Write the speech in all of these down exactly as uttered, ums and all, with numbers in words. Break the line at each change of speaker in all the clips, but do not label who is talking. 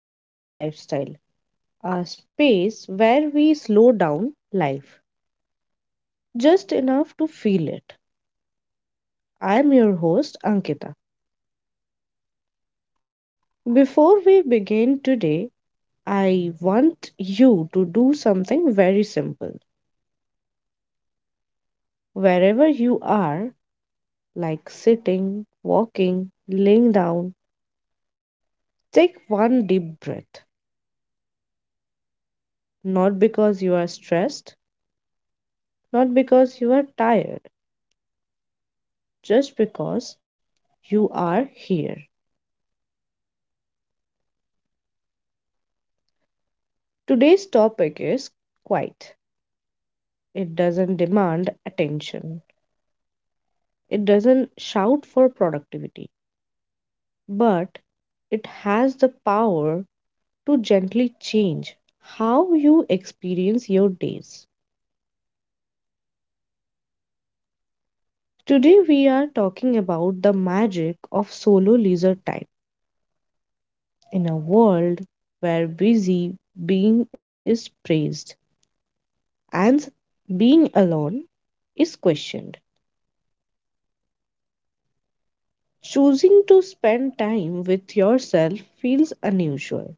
to Healthy Lifestyle, a space where we slow down life just enough to feel it. I am your host, Ankita. Before we begin today, I want you to do something very simple. Wherever you are, like sitting, walking, laying down, take one deep breath. Not because you are stressed, not because you are tired just because you are here. Today's topic is quiet. It doesn't demand attention, it doesn't shout for productivity, but it has the power to gently change how you experience your days. Today, we are talking about the magic of solo leisure time in a world where busy being is praised and being alone is questioned. Choosing to spend time with yourself feels unusual,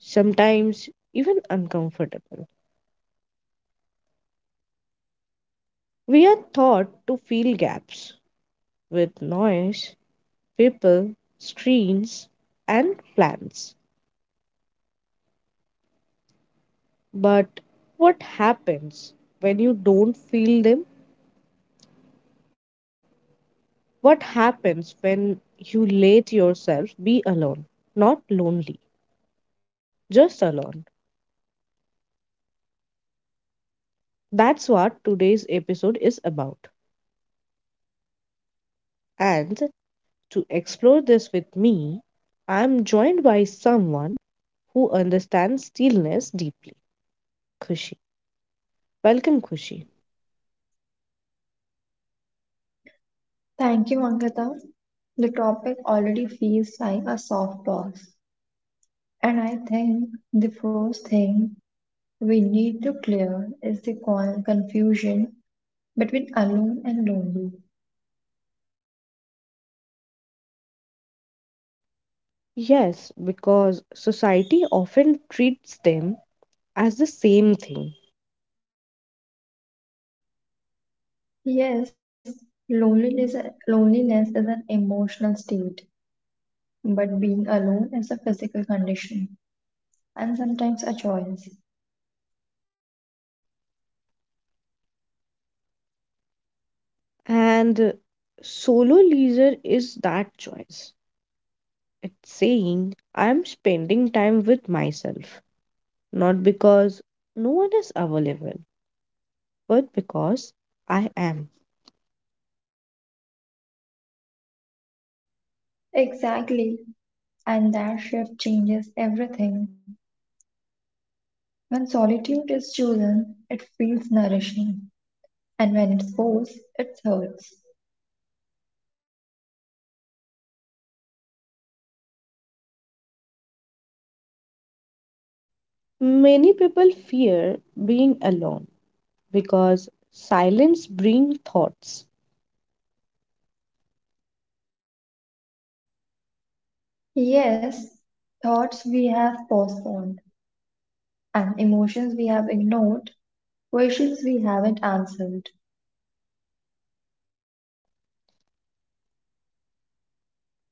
sometimes even uncomfortable. We are taught to fill gaps with noise, people, screens, and plans. But what happens when you don't feel them? What happens when you let yourself be alone? Not lonely, just alone. That's what today's episode is about. And to explore this with me, I am joined by someone who understands stillness deeply. Khushi. Welcome, Khushi.
Thank you, Ankita. The topic already feels like a softbox, and I think the first thing we need to clear is the con- confusion between alone and lonely.
Yes, because society often treats them as the same thing.
Yes, loneliness, loneliness is an emotional state, but being alone is a physical condition and sometimes a choice.
And uh, Solo leisure is that choice. It's saying, I'm spending time with myself, not because no one is available, but because I am.
Exactly, and that shift changes everything. When solitude is chosen, it feels nourishing, and when it's forced, it hurts.
Many people fear being alone because silence brings thoughts
Yes, thoughts we have postponed, and emotions we have ignored, questions we haven't answered.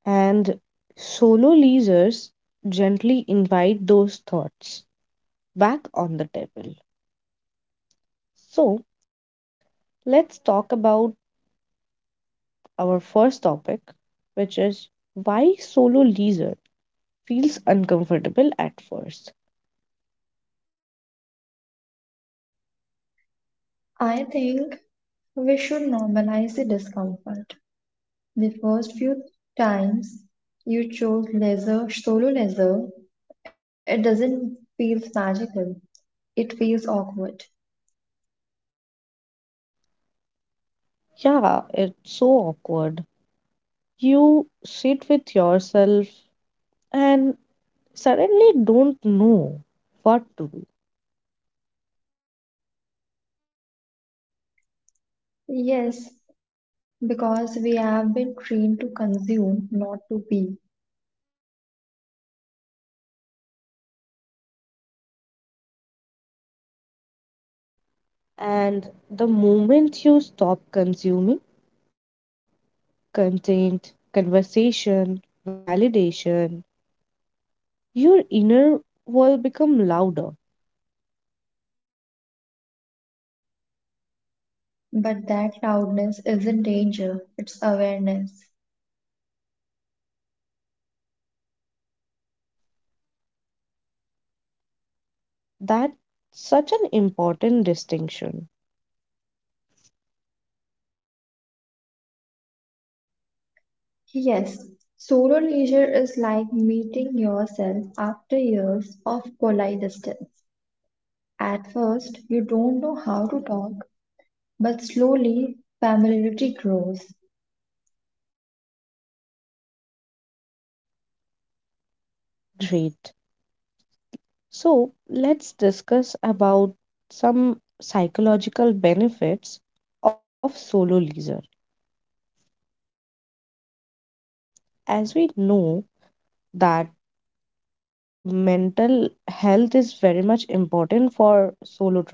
and solo leisures gently invite those thoughts back on the table. So, let's talk about our first topic, which is why solo leisure feels uncomfortable at first.
I think we should normalize the discomfort. The first few times you chose leisure, solo leisure, it doesn't feel magical. It feels awkward.
Yeah, it's so awkward. You sit with yourself and suddenly don't know what to do.
Yes, because we have been trained to consume, not to be.
And the moment you stop consuming, content, conversation, validation, your inner world become louder.
But that loudness isn't danger, it's awareness.
That's such an important distinction.
Yes, solo leisure is like meeting yourself after years of polite distance. At first, you don't know how to talk, but slowly familiarity grows.
Great. So let's discuss about some psychological benefits of solo leisure. As we know that mental health is very much important for solo travel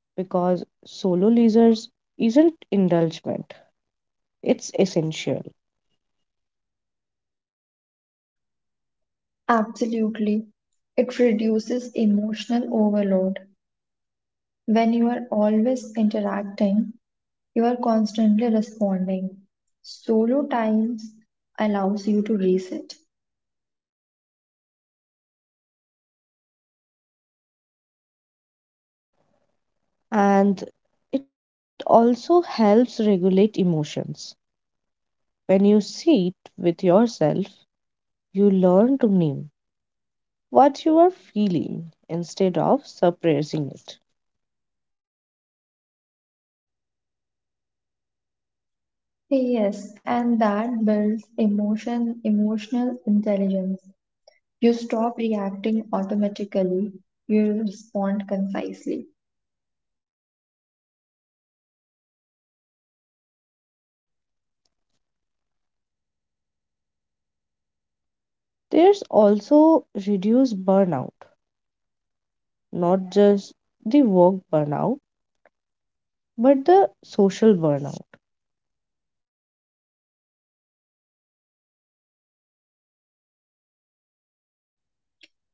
because solo leisure isn't indulgent, it's essential
Absolutely. It reduces emotional overload. When you are always interacting, you are constantly responding. Solo times allows you to reset.
and it also helps regulate emotions. When you sit with yourself, you learn to name what you are feeling instead of suppressing it.
Yes, and that builds emotion, emotional intelligence. You stop reacting automatically, you respond concisely.
There's also reduced burnout, not just the work burnout, but the social burnout.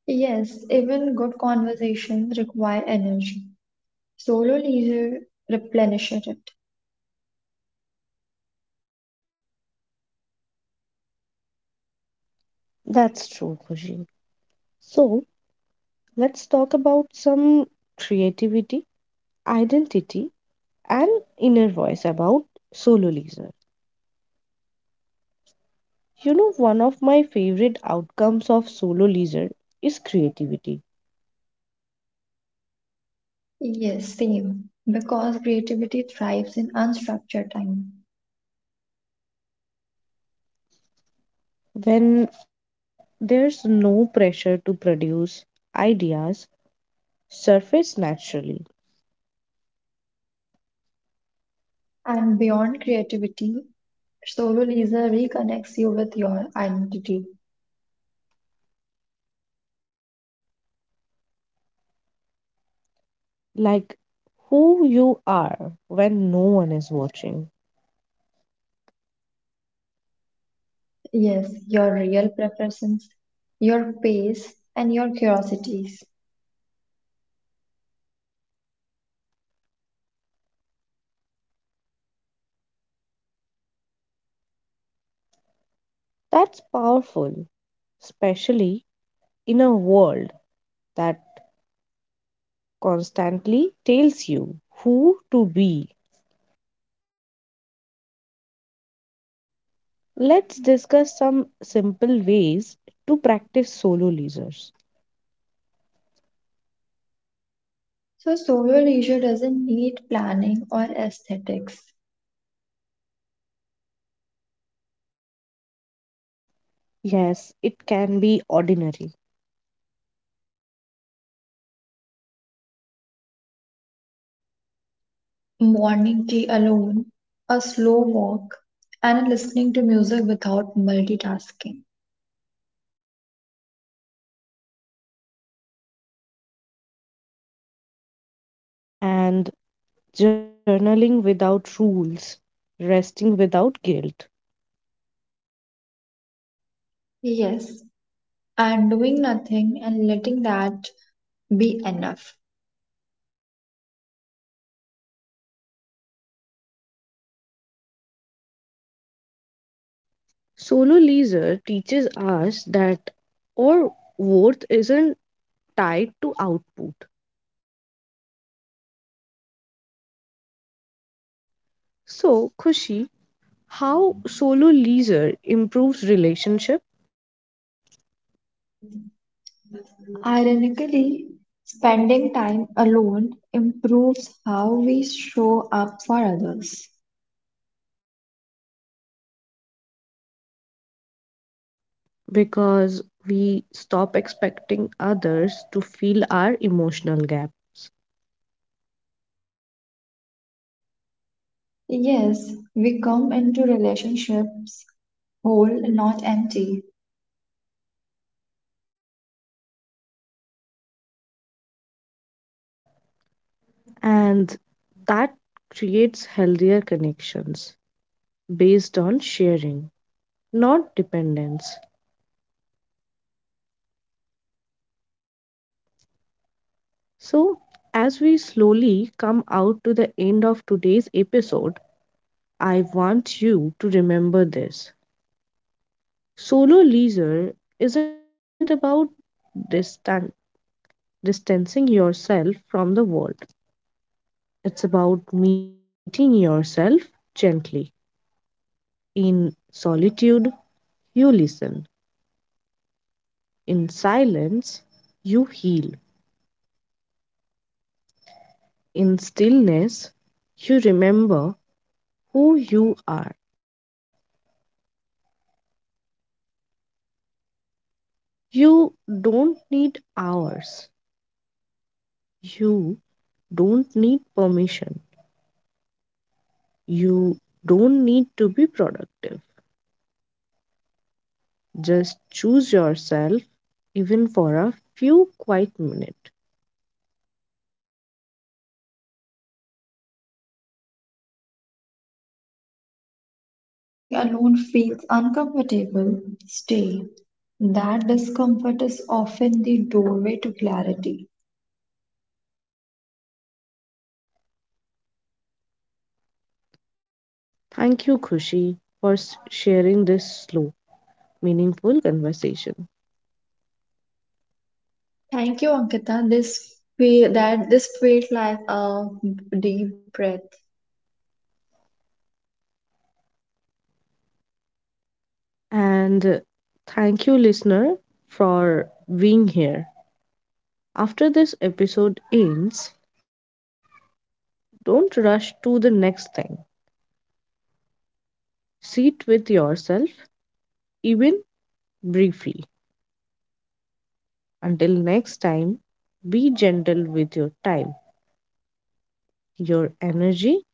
Yes, even good conversations require energy. Solo leisure replenishes it.
That's true, Khushi. So let's talk about some creativity, identity, and inner voice about soloism. You know, one of my favorite outcomes of solo leisure is creativity.
Yes, same. Because creativity thrives in unstructured time.
When there's no pressure to produce, ideas surface naturally,
And beyond creativity, solo leisure reconnects you with your identity.
like who you are when no one is watching.
Yes, your real preferences, your pace, and your curiosities.
That's powerful, especially in a world that constantly tells you who to be. Let's discuss some simple ways to practice solo leisure.
So, solo leisure doesn't need planning or aesthetics.
Yes, it can be ordinary.
Morning tea alone, a slow walk, and listening to music without multitasking.
And journaling without rules, resting without guilt.
Yes, and doing nothing and letting that be enough.
Solo leisure teaches us that our worth isn't tied to output. So, Khushi, how solo leisure improves relationship
Ironically, spending time alone improves how we show up for others.
because we stop expecting others to fill our emotional gap
Yes, we come into relationships whole, not empty.
and that creates healthier connections based on sharing, not dependence. So, as we slowly come out to the end of today's episode, I want you to remember this. Solo leisure isn't about distan- distancing yourself from the world, it's about meeting yourself gently. In solitude, you listen. In silence, you heal. In stillness, you remember who you are. You don't need hours. You don't need permission. You don't need to be productive. Just choose yourself, even for a few quiet minutes.
And if being alone, and if being alone feels uncomfortable, stay. That discomfort is often the doorway to clarity.
Thank you, Khushi, for s- sharing this slow, meaningful conversation.
Thank you, Ankita. This fe- that this felt like a deep breath.
And uh, Thank you, listener, for being here. After this episode ends, don't rush to the next thing. Sit with yourself, even briefly. Until next time, be gentle with your time, your energy,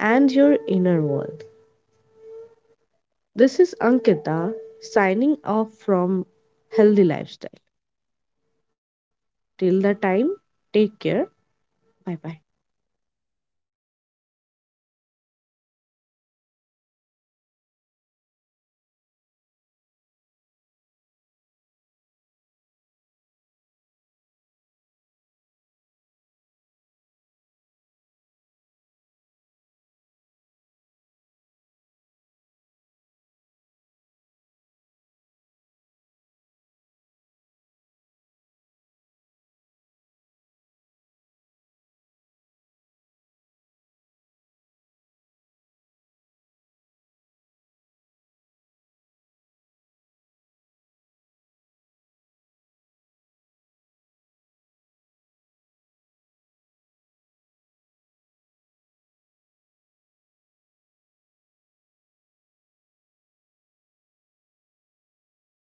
and your inner world. This is Ankita signing off from Healthy Lifestyle. Till the time, take care. Bye bye.